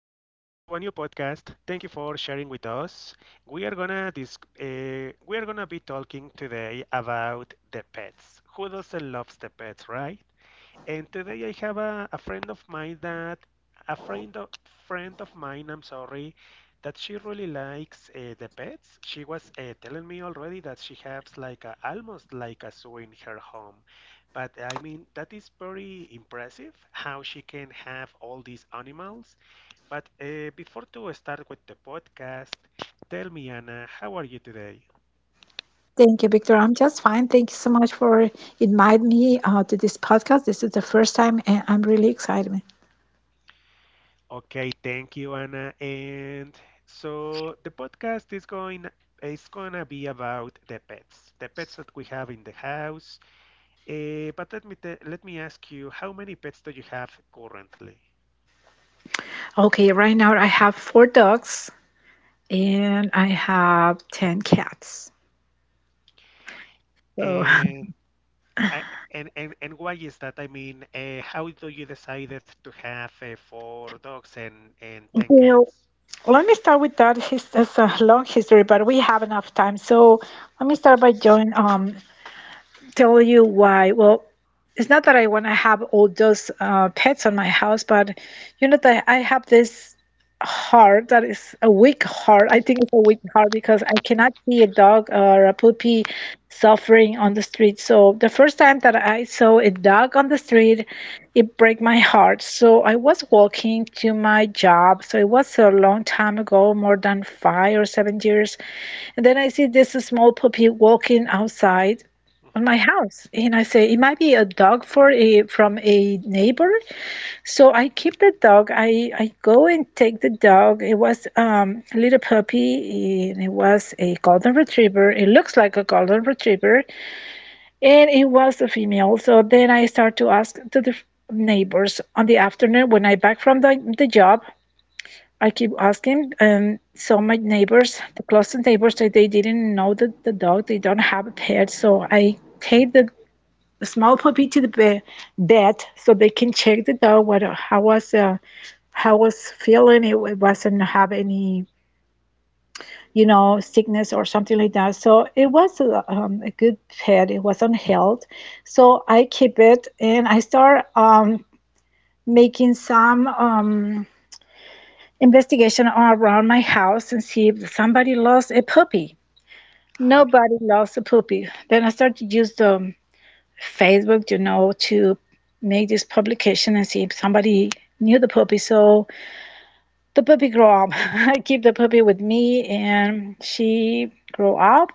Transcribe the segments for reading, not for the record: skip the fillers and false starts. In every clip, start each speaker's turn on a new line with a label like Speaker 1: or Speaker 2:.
Speaker 1: new podcast. Thank you for sharing with us. We are gonna we are gonna be talking today about the pets. Who doesn't loves the pets, right? And today I have a friend of mine that a friend of, friend of mine, I'm sorry, that she really likes the pets. She was telling me already that she has like a, almost like a zoo in her home. But I mean, that is very impressive how she can have all these animals. But before to start with the podcast, tell me, Anna, how are you today?
Speaker 2: Thank you, Victor. I'm just fine. Thank you so much for inviting me to this podcast. This is the first time, and I'm really excited.
Speaker 1: Okay, thank you, Anna. And so the podcast is gonna be about the pets that we have in the house. But let me ask you, how many pets do you have currently?
Speaker 2: Okay, right now I have four dogs and I have 10 cats. So.
Speaker 1: And I, and why is that? I mean, how do you decided to have four dogs and ten cats?
Speaker 2: Well, let me start with that. It's a long history, but we have enough time. So let me start by joining, tell you why. Well, it's not that I want to have all those pets on my house, but you know that I have this heart that is a weak heart. I think it's a weak heart because I cannot see a dog or a puppy suffering on the street. So the first time that I saw a dog on the street, it broke my heart. So I was walking to my job. So it was a long time ago, more than 5 or 7 years. And then I see this small puppy walking outside on
Speaker 1: Mm-hmm.
Speaker 2: my house, and I say it might be a dog for a from a neighbor. So I keep the dog. I go and take the dog. It was a little puppy, and it was a golden retriever. It looks like a golden retriever, and it was a female. So then I start to ask to the neighbors on the afternoon when I back from the job. I keep asking, and so my neighbors, the closest neighbors, they didn't know that the dog, they don't have a pet. So I take the small puppy to the vet so they can check the dog what how was feeling. It wasn't have any sickness or something like that. So it was a good pet. It wasn't held. So I keep it, and I start making some investigation all around my house and see if somebody lost a puppy.
Speaker 1: Uh-huh.
Speaker 2: Nobody lost a puppy. Then I start to use the Facebook, to make this publication and see if somebody knew the puppy. So the puppy grew up. I keep the puppy with me, and she grew up,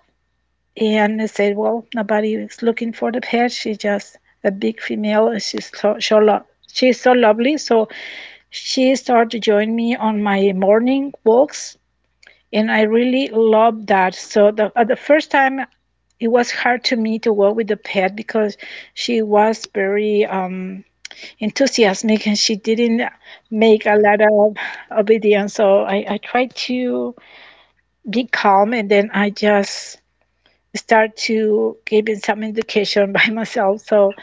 Speaker 2: and they said, well, nobody is looking for the pet. She's just a big female, and she's so lovely. So she started to join me on my morning walks, and I really love that. So the first time it was hard to me to work with the pet because she was very enthusiastic, and she didn't make a
Speaker 1: Okay.
Speaker 2: lot of obedience. So I tried to be calm, and then I just start to give it some education by myself. So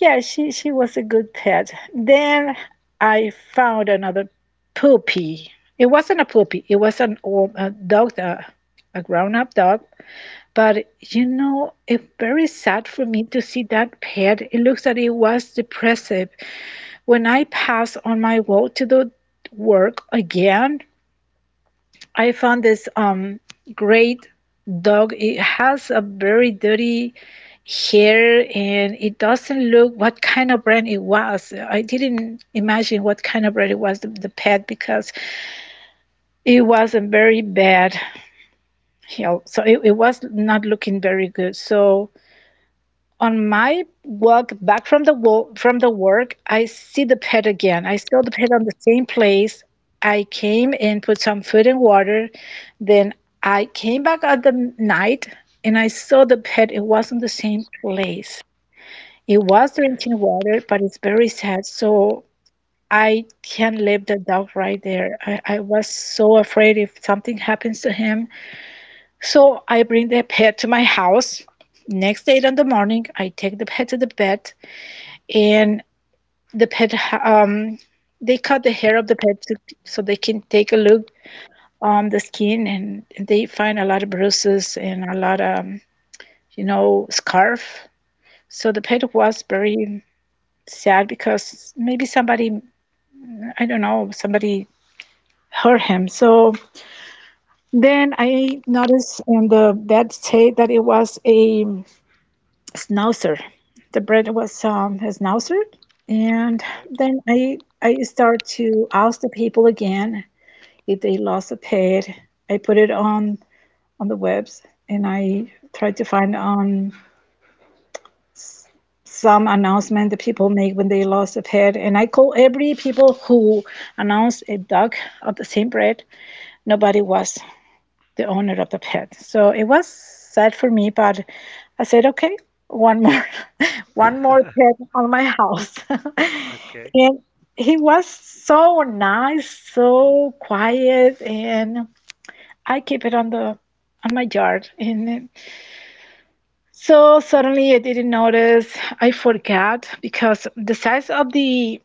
Speaker 2: yeah, she was a good pet. Then I found another puppy. It wasn't a puppy. It was an old a dog, a grown-up dog. But you know, it's very sad for me to see that pet. It looks like it was depressive. When I passed on my walk to the work again, I found this great dog. It has a very dirty here, and it doesn't look what kind of brand it was. I didn't imagine what kind of brand it was, the pet, because it was a very bad heel. So it was not looking very good. So on my walk back from the work, I see the pet again. I saw the pet on the same place. I came and put some food and water. Then I came back at the night, and I saw the pet. It wasn't the same place. It was
Speaker 1: Okay.
Speaker 2: drinking water, but it's very sad. So I can't leave the dog right there. I was so afraid if something happens to him. So I bring the pet to my house. Next day in the morning, I take the pet to the vet, and the pet ha- um they cut the hair of the pet to, so they can take a look on the skin, and they find a lot of bruises and a lot of scarf. So the pet was very sad because maybe somebody, I don't know, somebody hurt him. So then I noticed on the bed say that it was a schnauzer. The bread was a schnauzer. And
Speaker 1: Okay.
Speaker 2: then I start to ask the people again if they lost a pet. I put it on the webs, and I tried to find on some announcement that people make when they lost a pet. And I call every people who announced a dog of the same breed. Nobody was the owner of the pet. So it was sad for me, but I said, okay, one more, one more pet on my house. And
Speaker 1: Okay.
Speaker 2: he was so nice, so quiet, and I keep it on the on my yard. And so suddenly I didn't notice. I forgot because the size of the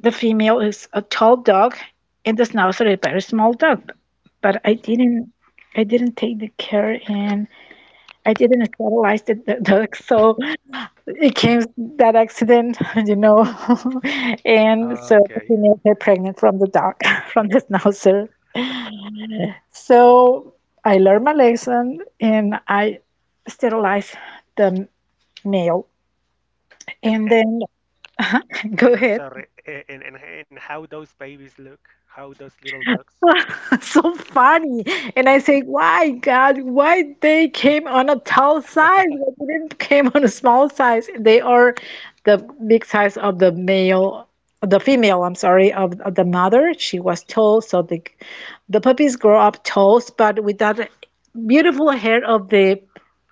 Speaker 2: the female is a tall dog, and the schnauzer is a very small dog. But I
Speaker 1: Mhm.
Speaker 2: didn't I didn't take the care, and I didn't catalyze the duck, so it came that accident, you know, and so the
Speaker 1: Okay.
Speaker 2: female got pregnant from the dog, from the schnauzer. So I learned my lesson, and I sterilized the male.
Speaker 1: And
Speaker 2: And
Speaker 1: and
Speaker 2: then, go
Speaker 1: and I'm
Speaker 2: ahead.
Speaker 1: sorry, and how those babies look, how those little ducks.
Speaker 2: So funny. And I say, why God, why they came on a tall size? Why they didn't came on a small size? They are the big size of the male, the female, I'm sorry, of the mother. She was tall, so the puppies grow up tall, but with that beautiful hair of the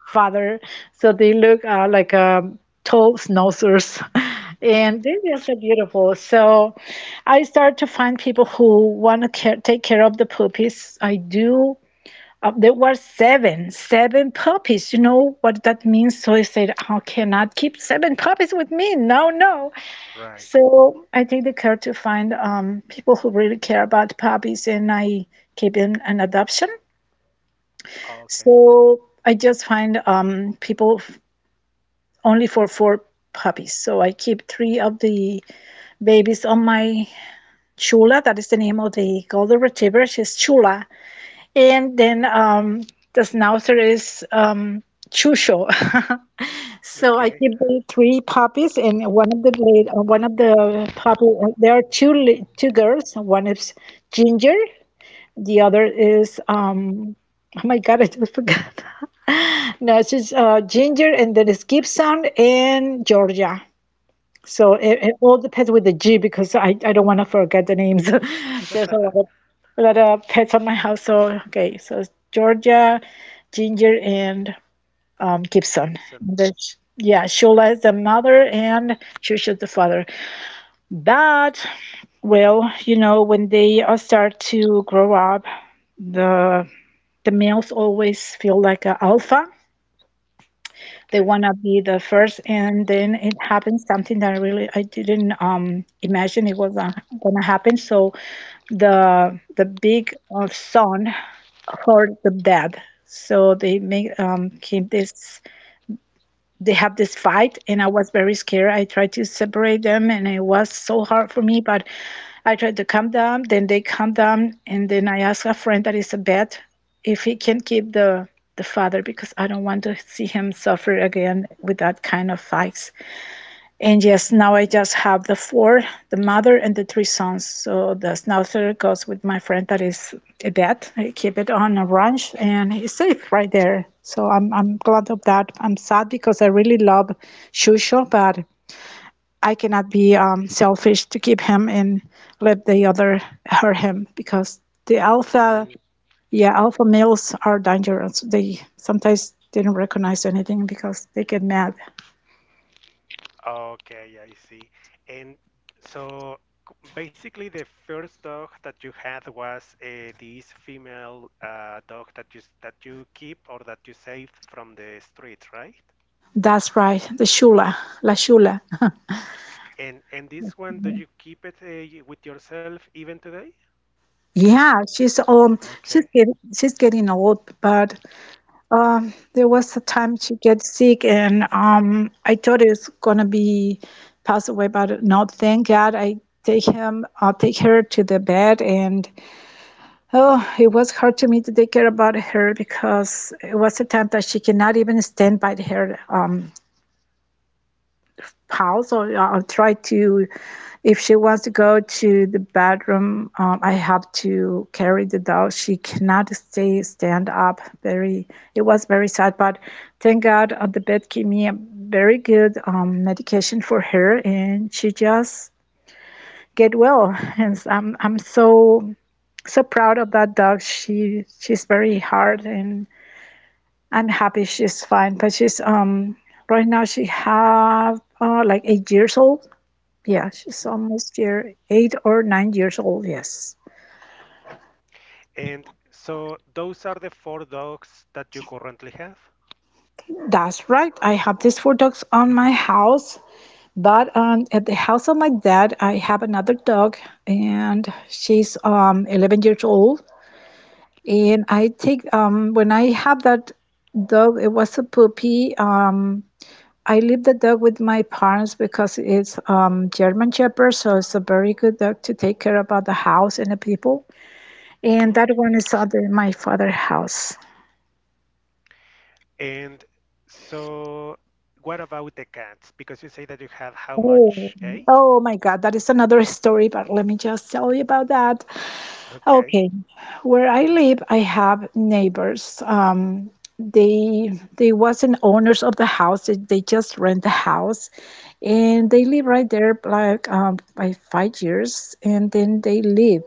Speaker 2: father. So they look like tall schnauzers,
Speaker 1: mm,
Speaker 2: and they're
Speaker 1: okay,
Speaker 2: just so beautiful. So I start to find people who want to care, take care of the puppies. I do. There were seven puppies. You know what that means? So I said, I cannot keep seven puppies with me. No, no.
Speaker 1: right.
Speaker 2: So I take the care to find people who really care about puppies, and I keep in an adoption.
Speaker 1: Okay,
Speaker 2: So I just find people only for four puppies. So I keep three of the babies on my Chula. That is the name of the golden retriever. She's Chula. And then the schnauzer is Chusho. So I
Speaker 1: okay.
Speaker 2: keep the three puppies, and one of the puppy. There are two girls. One is Ginger. The other is oh my god, I just forgot. No, she's Ginger, and then it's Gibson and Georgia. So
Speaker 1: Oh,
Speaker 2: it all depends with the G because I don't want to forget the names. There's a lot of a lot of pets on my house. So okay, so it's Georgia, Ginger, and Gibson.
Speaker 1: Gibson.
Speaker 2: And yeah, Shula is the mother, and Shusha is the father. But well, you know, when they start to grow up, the the males always feel like an alpha. They
Speaker 1: Okay.
Speaker 2: want to be the first, and then it happens something that I didn't imagine it was gonna happen. So the big son heard the dad. So they have this fight, and I was very scared. I tried to separate them, and it was so hard for me, but I tried to calm down. Then they calm down, and then I asked a friend that is a vet if he can keep the father because I don't want to see him suffer again with that kind of fights. And yes, now I just have the four, the mother and the three sons. So the schnauzer goes with my friend that is a vet. I keep it on a ranch, and it's safe right there. So I'm glad of that. I'm sad because I really love Shusho, but I cannot be selfish to keep him and let the other hurt him because the alpha,
Speaker 1: Mm,
Speaker 2: yeah, alpha males are dangerous. They sometimes didn't recognize anything because they get mad.
Speaker 1: okay, I see. And so basically, the first dog that you had was this female dog that you that you keep or that you saved from the street, right?
Speaker 2: That's right, the shula, la shula.
Speaker 1: And this one, do you keep it with yourself even today?
Speaker 2: Yeah, she's she's
Speaker 1: Okay.
Speaker 2: getting she's getting old, but there was a time she get sick, and I thought it's gonna be pass away, but no, thank God I take her to the bed, and oh it was hard to me to take care about her because it was a time that she cannot even stand by her. House or I'll try to if she wants to go to the bathroom, I have to carry the dog. She cannot stay stand up very, it was very sad, but thank God the vet gave me a very good medication for her, and she just get well. And I am I'm so so proud of that dog. She's very hard, and I'm happy she's fine. But she's right now she have like 8 years old. Yeah, she's almost year 8 or 9 years old. Yes,
Speaker 1: And so those are the four dogs that you currently have.
Speaker 2: that's right. I have these four dogs on my house, but at the house of my dad, I have another dog, and she's 11 years old. And I take when I have that dog, it was a puppy. I leave the dog with my parents because it's German Shepherd, so it's a very good dog to take care about the house and the people.
Speaker 1: Mhm.
Speaker 2: And that one is at the- my father's house.
Speaker 1: And so what about the cats? Because you say that you have how
Speaker 2: Oh,
Speaker 1: much? Eight?
Speaker 2: oh my God, that is another story, but let me just tell you about that.
Speaker 1: Okay.
Speaker 2: Okay, where I live, I have neighbors. They wasn't owners of the house. They just rent the house, and they live right there like by 5 years, and then they leave.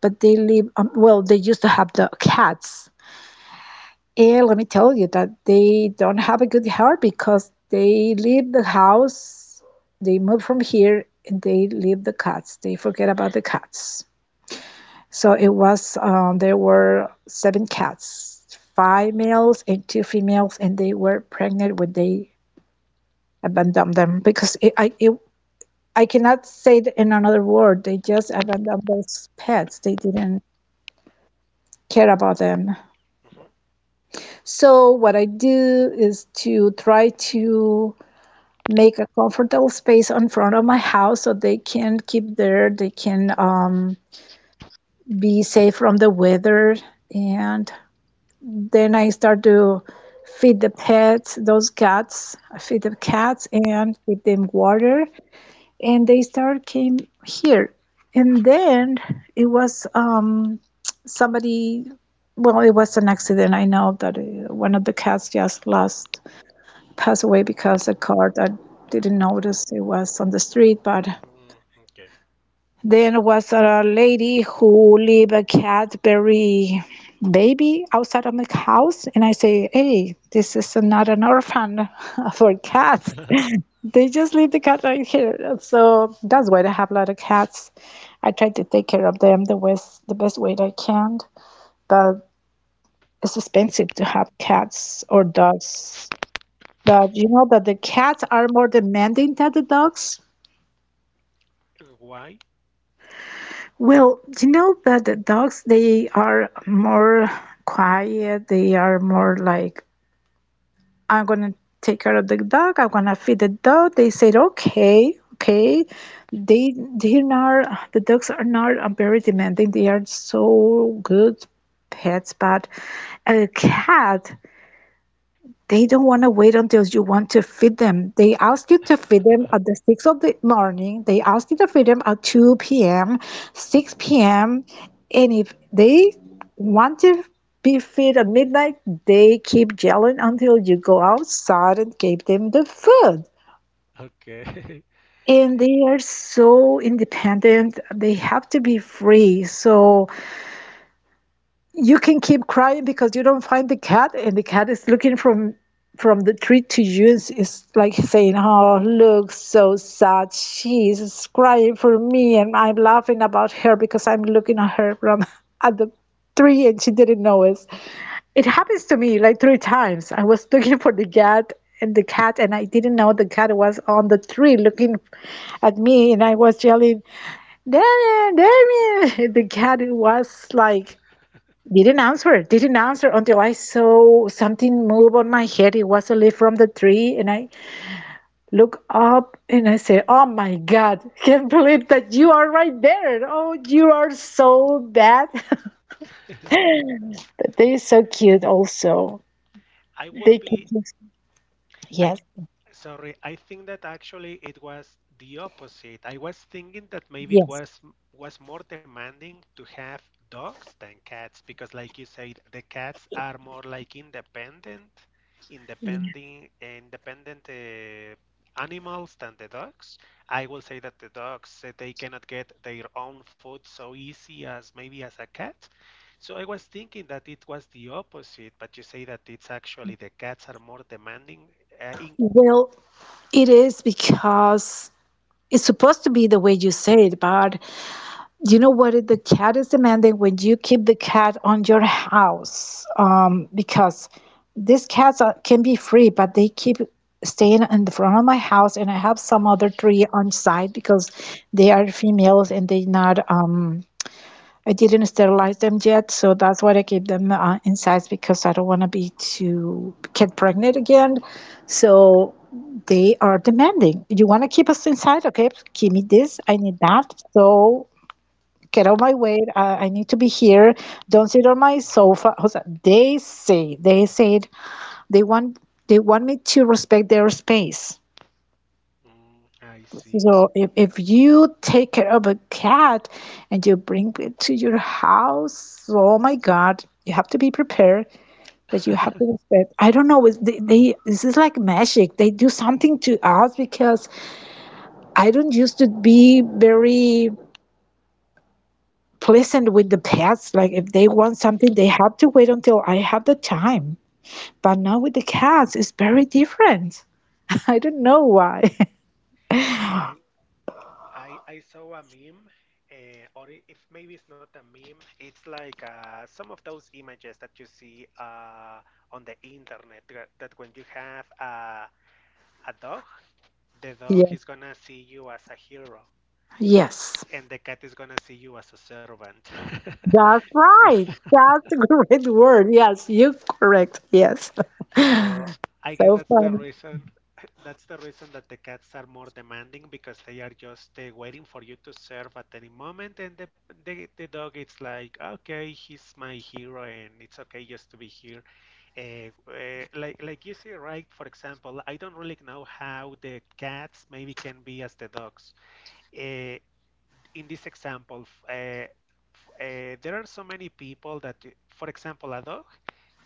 Speaker 2: But they live. Well, they used to have the cats, and let me tell you that they don't have a good heart because they leave the house, they move from here, and they leave the cats. They forget about the cats. So it was, there were seven cats, five males and two females, and they were pregnant when they abandoned them because I cannot say it in another word. They just abandoned those pets. They didn't care about them.
Speaker 1: Mhm.
Speaker 2: So what I do is to try to make a comfortable space in front of my house so they can keep there, they can be safe from the weather. And then I start to feed the pets, those cats, I feed the cats and give them water. And they start came here. And then it was somebody, well, it was an accident. I know that one of the cats just lost passed away because a car that didn't notice it was on the street. But
Speaker 1: Mm, okay.
Speaker 2: then was a lady who leave a Cadbury baby outside of my house, and I say, "Hey, this is not an orphan for cats." They just leave the cat right here. So that's why I have a lot of cats. I try to take care of them the best way that I can, but it's expensive to have cats or dogs. But you know that the cats are more demanding than the dogs.
Speaker 1: Why?
Speaker 2: Well, you know that the dogs, they are more quiet. They are more like, I'm gonna take care of the dog. I'm gonna feed the dog. They said, okay, okay. They, they are, the dogs are not very demanding. They are so good pets, but a cat. They don't want to wait until you want to feed them. They ask you to feed them at the 6 of the morning. They ask you to feed them at 2 p.m., 6 p.m. And if they want to be fed at midnight, they keep yelling until you go outside and give them the food.
Speaker 1: Okay.
Speaker 2: And they are so independent. They have to be free. So you can keep crying because you don't find the cat and the cat is looking from the tree to you and is like saying, oh, look so sad, she's crying for me, and I'm laughing about her because I'm looking at her from at the tree, and she didn't know it. It happens to me like three times. I was looking for the cat and I didn't know the cat was on the tree looking at me, and I was yelling, Damien, Damien. The cat was like, didn't answer. Didn't answer until I saw something move on my head. It was a leaf from the tree, and I look up and I say, "Oh my God! Can't believe that you are right there. Oh, you are so bad." But they're so cute. Also,
Speaker 1: I will
Speaker 2: they can.
Speaker 1: be
Speaker 2: Just,
Speaker 1: I
Speaker 2: yes,
Speaker 1: Sorry, I think that actually it was the opposite. I was thinking that maybe it
Speaker 2: yes.
Speaker 1: was was more demanding to have dogs than cats because, like you said, the cats are more like independent,
Speaker 2: Yeah.
Speaker 1: independent, independent animals than the dogs. I will say that the dogs they cannot get their own food so easy as maybe as a cat. So I was thinking that it was the opposite, but you say that it's actually the cats are more demanding in
Speaker 2: Well, it is because it's supposed to be the way you say it, but you know what is- the cat is demanding when you keep the cat on your house, because these cats are, can be free, but they keep staying in the front of my house, and I have some other three on side because they are females and they not. I didn't sterilize them yet, so that's why I keep them inside because I don't want to be to get pregnant again. So they are demanding. You want to keep us inside? Okay, give me this. I need that. So get out my way. I need to be here. Don't sit on my sofa. O sea, they say, they said they want they want me to respect their space.
Speaker 1: Mm, I see.
Speaker 2: So if you take care of a cat and you bring it to your house, oh my God, you have to be prepared that you have to respect. I don't know. It's- They this is like magic. They do something to us because I don't used to be very pleasant with the pets. Like if they want something, they have to wait until I have the time. But now with the cats, it's very different. I don't know why.
Speaker 1: I I saw a meme, if maybe it's not a meme, it's like some of those images that you see on the internet that when you have a dog, the dog
Speaker 2: Yeah.
Speaker 1: is gonna see you as a hero,
Speaker 2: Yes.
Speaker 1: and the cat is gonna see you as a servant.
Speaker 2: That's
Speaker 1: So
Speaker 2: right. That's a great word. Yes, you're correct. Yes.
Speaker 1: So I guess
Speaker 2: So
Speaker 1: that's the
Speaker 2: funny.
Speaker 1: reason that's the reason that the cats are more demanding because they are just waiting for you to serve at any moment the dog it's like okay he's my hero and it's okay just to be here like you see right for example I don't really know how the cats maybe can be as the dogs uh, in this example, uh, there are so many people that, for example, a dog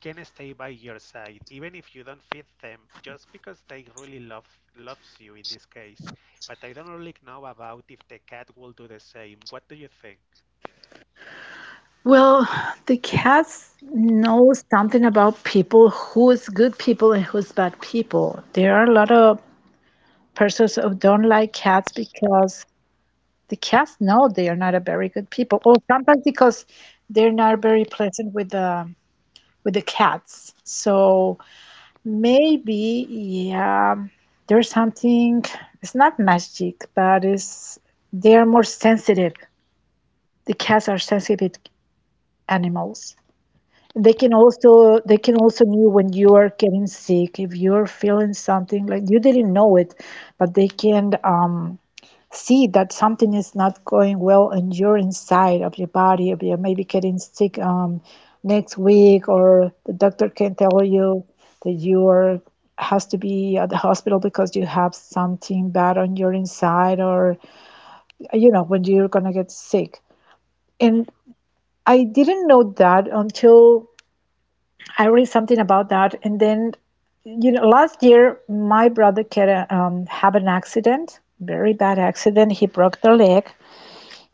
Speaker 1: can stay by your side even if you don't feed them, just because they really loves you in this case. But I don't really know about if the cat will do the same. What do you think?
Speaker 2: Well, the cats know something about people who is good people and who's bad people. There are a lot of persons who don't like cats because the cast no they are not a very good people, or sometimes because they're not very pleasant with the cats. So maybe, yeah, there's something, it's not magic, but it's they are more sensitive. The cats are sensitive animals. They can also knew when you are getting sick, if you're feeling something like you didn't know it, but they can see that something is not going well and you're inside of your body of you maybe getting sick, next week, or the doctor can tell you that you are has to be at the hospital because you have something bad on your inside, or you know when you're gonna get sick.
Speaker 1: Hmm
Speaker 2: And I didn't know that until I read something about that. And then, you know, last year my brother had a, have an accident, very bad accident. He broke the leg.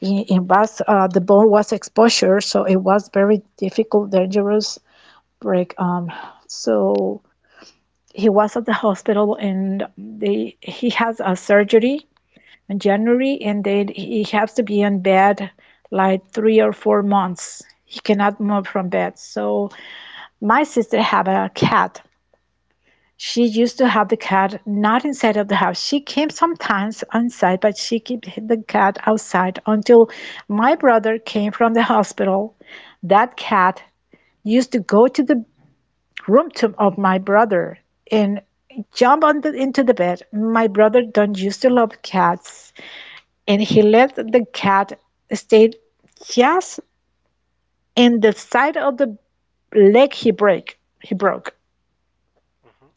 Speaker 2: I- it was The bone was exposure, so it was very difficult, dangerous break. So he was at the hospital, and they he has a surgery in January, and then he has to be in bed like 3 or 4 months. He cannot move from bed. So my sister have a cat, she used to have the cat not inside of the house. She came sometimes inside, but she kept the cat outside until my brother came from the hospital. That cat used to go to the room to, of my brother and jump on the, into the bed. My brother don't used to love cats, and he let the cat stay just in the side of the leg he broke
Speaker 1: hmm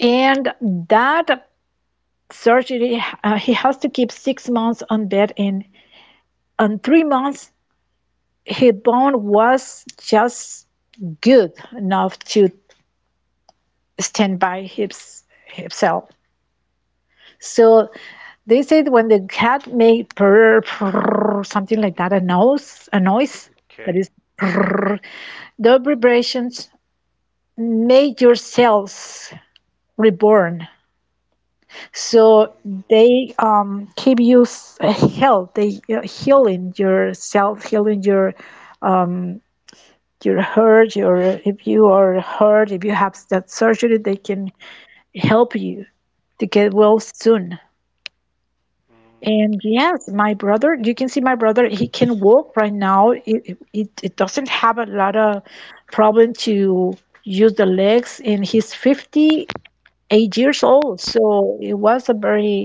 Speaker 2: and that surgery. He has to keep 6 months on bed, and on 3 months, his bone was just good enough to stand by his himself. So they said when the cat made purr, purr, something like that, a noise
Speaker 1: Okay.
Speaker 2: that is purr, the vibrations made your cells reborn. So
Speaker 1: Mm,
Speaker 2: they keep you s- health, they healing yourself, healing your hurt your, if you are hurt, if you have that surgery, they can help you to get well soon.
Speaker 1: mm.
Speaker 2: And yes, my brother, you can see my brother, he can walk right now. It doesn't have a lot of problem to use the legs, and he's 58 years old. So it was a very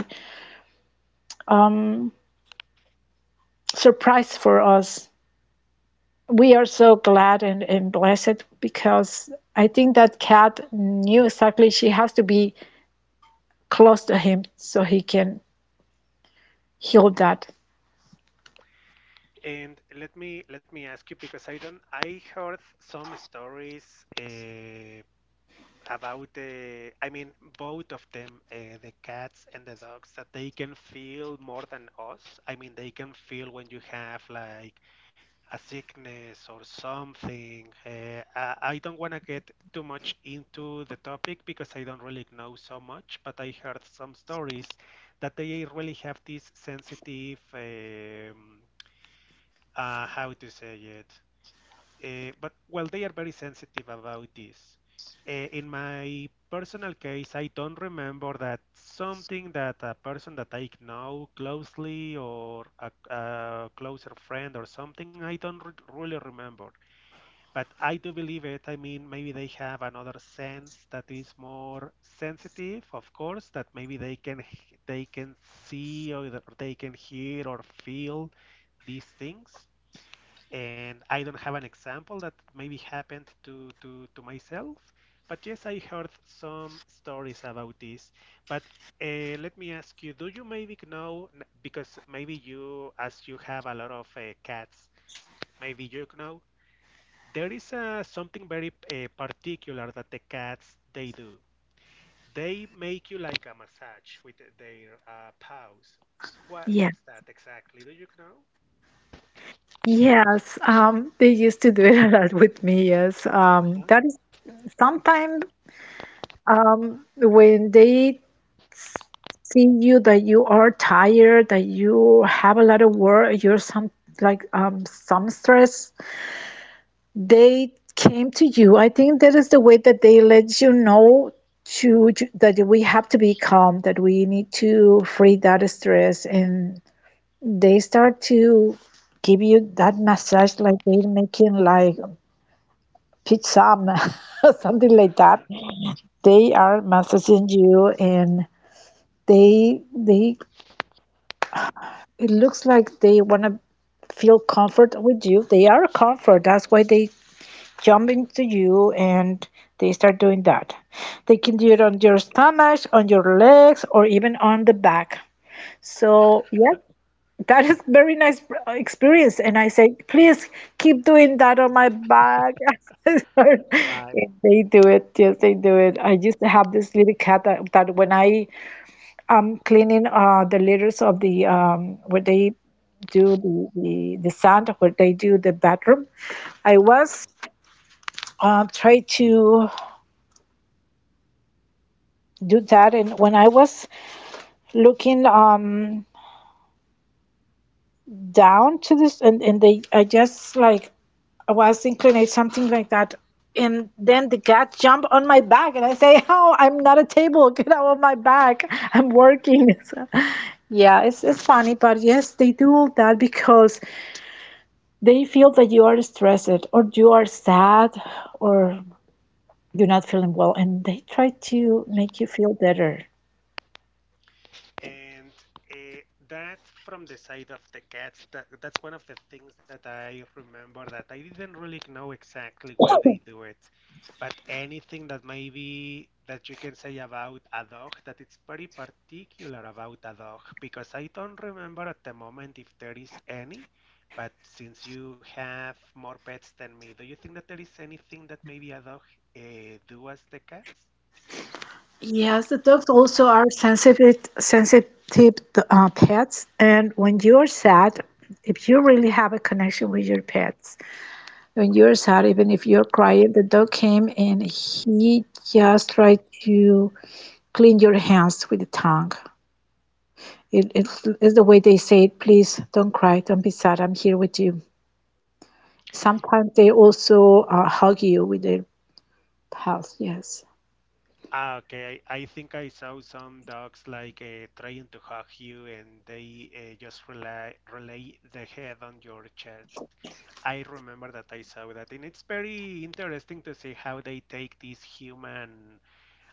Speaker 2: surprise for us. We are so glad and blessed because I think that cat knew exactly she has to be close to him so he can heal that.
Speaker 1: And let me ask you because I don't I heard some stories. About the, both of them the cats and the dogs that they can feel more than us, I mean they can feel when you have like a sickness or something, I don't want to get too much into the topic because I don't really know so much but I heard some stories that they really have this sensitive how to say it, but well, they are very sensitive about this. In my personal case, I don't remember that something that a person that I know closely or a closer friend or something, I don't re- really remember. But I do believe it. I mean, maybe they have another sense that is more sensitive, of course, that maybe they can see or they can hear or feel these things, and I don't have an example that maybe happened to myself, but yes, I heard some stories about this. But let me ask you, do you maybe know, because maybe you, as you have a lot of cats, maybe you know, there is something very particular that the cats they do. They make you like a massage with their paws. What,
Speaker 2: Yeah.
Speaker 1: what's that exactly? Do you know?
Speaker 2: Yes. They used to do it a lot with me. Yes.
Speaker 1: Uh-huh.
Speaker 2: That is sometimes when they see you that you are tired, that you have a lot of work, you're some like some stress, they came to you. I think that is the way that they let you know to- that we have to be calm, that we need to free that stress, and they start to give you that massage, like they're making like pizza, something like that.
Speaker 1: Uh-huh.
Speaker 2: They are massaging you, and they it looks like they wanna feel comfort with you. They are a comfort. That's why they jump into you and they start doing that. They can do it on your stomach, on your legs, or even on the back. So, yes, that is very nice experience. And I say, please keep doing that on my back.
Speaker 1: Right.
Speaker 2: If they do it, yes, they do it. I used to have this little cat that when I am cleaning the litters of the where they do the sand, where they do the bathroom. I was trying to do that. And when I was looking down to this, and they, I just like I was inclined something like that. And then the cat jumped on my back, and I say, "Oh, I'm not a table. Get out of my back. I'm working." So, yeah, it's funny, but yes, they do all that because they feel that you are stressed or you are sad or you're not feeling well, and they try to make you feel better.
Speaker 1: and uh, that from the side of the cats that, that's one of the things that I remember that I didn't really know exactly why they do it, but anything that maybe that you can say about a dog that it's very particular about a dog because I don't remember at the moment if there is any, but since you have more pets than me, do you think that there is anything that maybe a dog uh, do as the cats?
Speaker 2: Yes, the dogs also are sensitive pets, and when you are sad, if you really have a connection with your pets, when you're sad, even if you're crying, the dog came and he just tried to clean your hands with the tongue. It's the way they say it. Please don't cry, don't be sad. I'm here with you. Sometimes they also hug you with their paws. Yes.
Speaker 1: Ah, okay. I think I saw some dogs like trying to hug you, and they just rely relay the head on your chest. I remember that I saw that, and it's very interesting to see how they take these human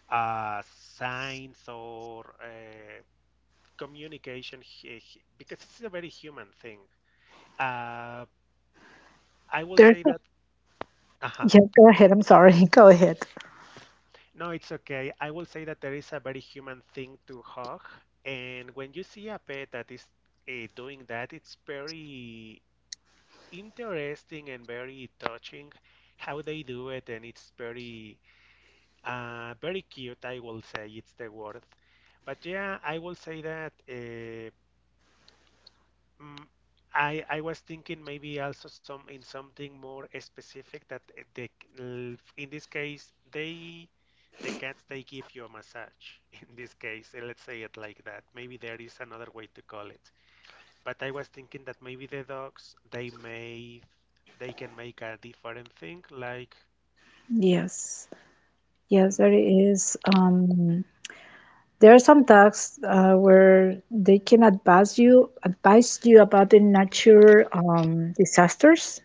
Speaker 1: signs or communication, because it's a very human thing. Uh, I will say
Speaker 2: There's.
Speaker 1: that. Uh-huh.
Speaker 2: Yeah. Go ahead. I'm sorry. Go ahead.
Speaker 1: No, it's okay. I will say that there is a very human thing to hug, and when you see a pet that is doing that, it's very interesting and very touching how they do it, and it's very, very cute. I will say it's the word. But yeah, I will say that. Mm, I was thinking maybe also some in something more specific that in this case the cats they give you a massage in this case let's say it like that, maybe there is another way to call it, but I was thinking that maybe the dogs they can make a different thing like
Speaker 2: Yes. Yes,
Speaker 1: mm,
Speaker 2: there is. There are some talks where they can advise you about the nature disasters.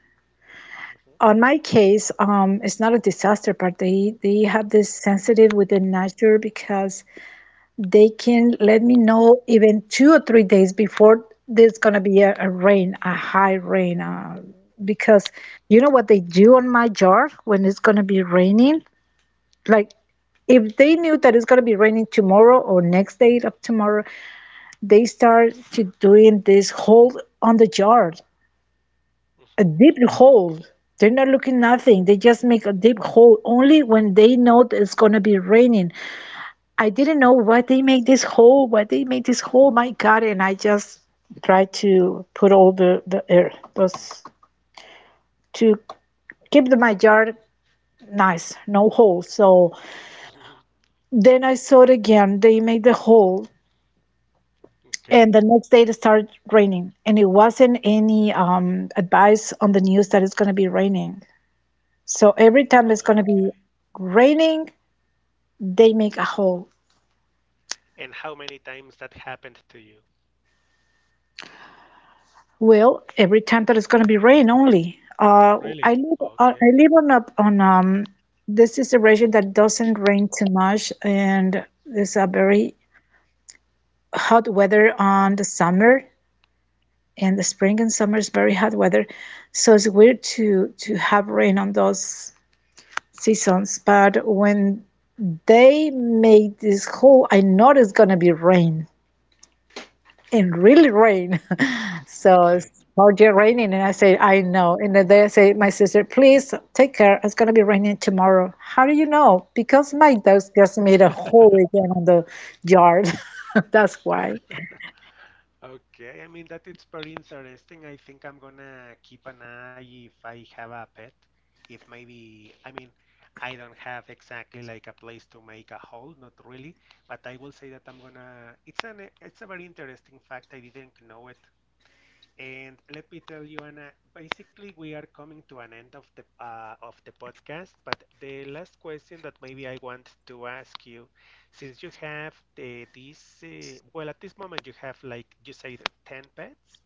Speaker 2: On my case, it's not a disaster, but they have this sensitive with the nature because they can let me know even 2 or 3 days before there's gonna be a rain, a high rain. Because you know what they do on my yard when it's gonna be raining? Like if they knew that it's going to be raining tomorrow or next day of tomorrow, they start to doing this hole on the yard, a
Speaker 1: mhm.
Speaker 2: deep hole. They're not looking nothing, they just make a deep hole only when they know that it's going to be raining. I didn't know why they make this hole, why they make this hole, my god, and I just try to put all the air those to keep the my yard nice, no holes. So
Speaker 1: mhm.
Speaker 2: then I saw it again, they made the hole,
Speaker 1: okay
Speaker 2: and the next day it started raining, and it wasn't any advice on the news that it's going to be raining. So every time it's going to be
Speaker 1: Okay.
Speaker 2: raining, they make a hole.
Speaker 1: And how many times that happened to you?
Speaker 2: Well, every time that it's going to be rain only, i
Speaker 1: Really
Speaker 2: live on,
Speaker 1: okay
Speaker 2: i live on a, on this is a region that doesn't rain too much, and it's a very hot weather on the summer, and the spring and summer is very hot weather. So it's weird to have rain on those seasons, but when they made this hole, I know it's gonna be rain and really rain. So it's already raining, and I say, I know. And then they say, my sister, please take care. It's gonna be raining tomorrow. How do you know? Because my dogs just made a hole again on the yard. That's why.
Speaker 1: Okay, I mean that it's very interesting. I think I'm gonna keep an eye if I have a pet. If maybe, I mean, I don't have exactly like a place to make a hole, not really, but I will say that I'm gonna. It's an it's a very interesting fact. I didn't know it. And let me tell you, Anna, basically we are coming to an end of the podcast, but the last question that maybe I want to ask you, since you have the, this, well, at this moment you have like you said 10 pets?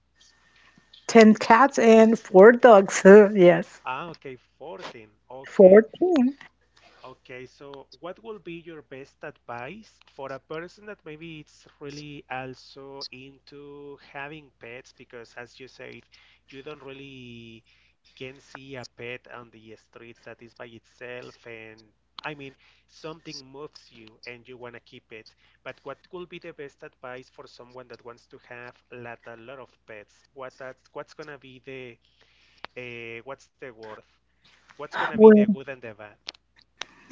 Speaker 2: Ten cats and four dogs. Yes,
Speaker 1: Ah, okay, 14. Okay.
Speaker 2: 14.
Speaker 1: Okay, so what will be your best advice for a person that maybe it's really also into having pets? Because as you said, you don't really can see a pet on the streets that is by itself, and I mean, something moves you and you want to keep it. But what will be the best advice for someone that wants to have a lot of pets? What's gonna be the what's the word? What's gonna be the
Speaker 2: Well.
Speaker 1: good and the bad?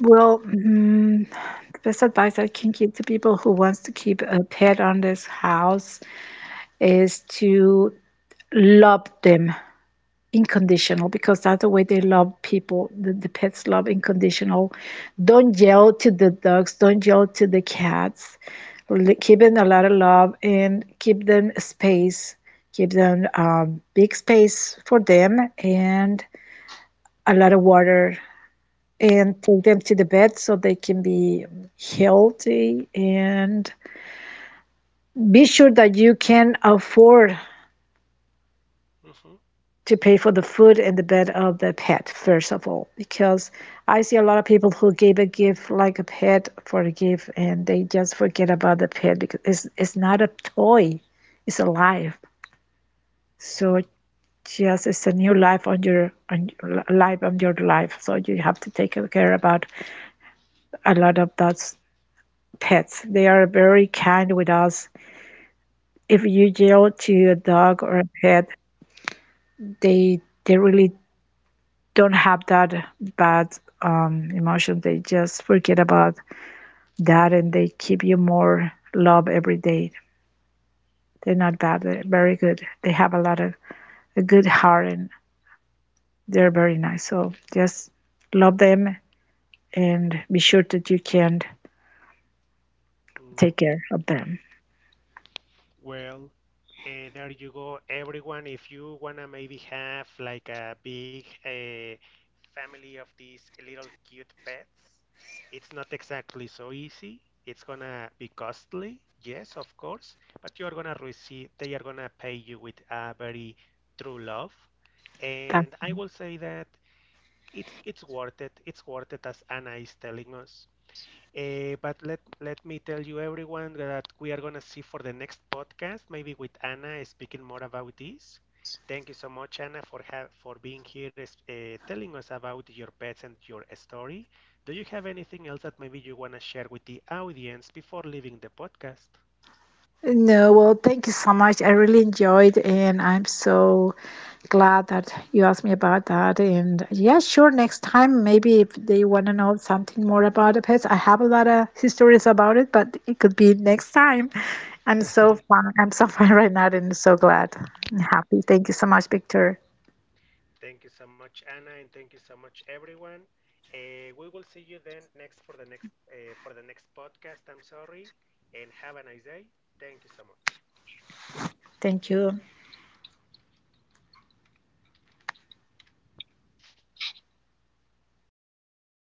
Speaker 2: Well, mm, the best advice I can give to people who wants to keep a pet on this house is to love them unconditional, because that's the way they love people. The pets love unconditional. Don't yell to the dogs. Don't yell to the cats. Give them a lot of love and give them space. Give them big space for them, and a lot of water, and take them to the bed so they can be healthy. And be sure that you can afford to pay for the food and the bed of the pet first of all, because I see a lot of people who gave a gift like a pet for a gift, and they just forget about the pet, because it's not a toy, it's a life. So
Speaker 1: Hmm
Speaker 2: just it's a new life on your on your life, so you have to take care about a lot of those pets. They are very kind with us. If you yell to a dog or a pet, they they really don't have that bad emotion. They just forget about that, and they keep you more love every day. They're not bad. They're very good. They have a lot of a good heart, and they're very nice. So just love them, and be sure that you can
Speaker 1: Mm,
Speaker 2: take care of them.
Speaker 1: well, there you go, everyone. If you wanna maybe have like a big family of these little cute pets, it's not exactly so easy. It's gonna be costly, yes, of course, but you're gonna receive, they are gonna pay you with a very true love. And
Speaker 2: That's.
Speaker 1: I will say that it's worth it. It's worth it, as Anna is telling us. But let me tell you everyone that we are gonna see for the next podcast, maybe with Anna speaking more about this. Thank you so much, Anna, for for being here, telling us about your pets and your story. Do you have anything else that maybe you wanna share with the audience before leaving the podcast?
Speaker 2: No, well, thank you so much. I really enjoyed, and I'm so glad that you asked me about that. And yeah, sure, next time, maybe if they want to know something more about the pets, I have a lot of histories about it, but it could be next time. I'm so fun. I'm so fun right now, and so glad and happy. Thank you so much, Victor.
Speaker 1: Thank you so much, Anna, and thank you so much, everyone. We will see you then next for the next for the next podcast. I'm sorry, and have a nice day. Thank you so much.
Speaker 2: Thank you.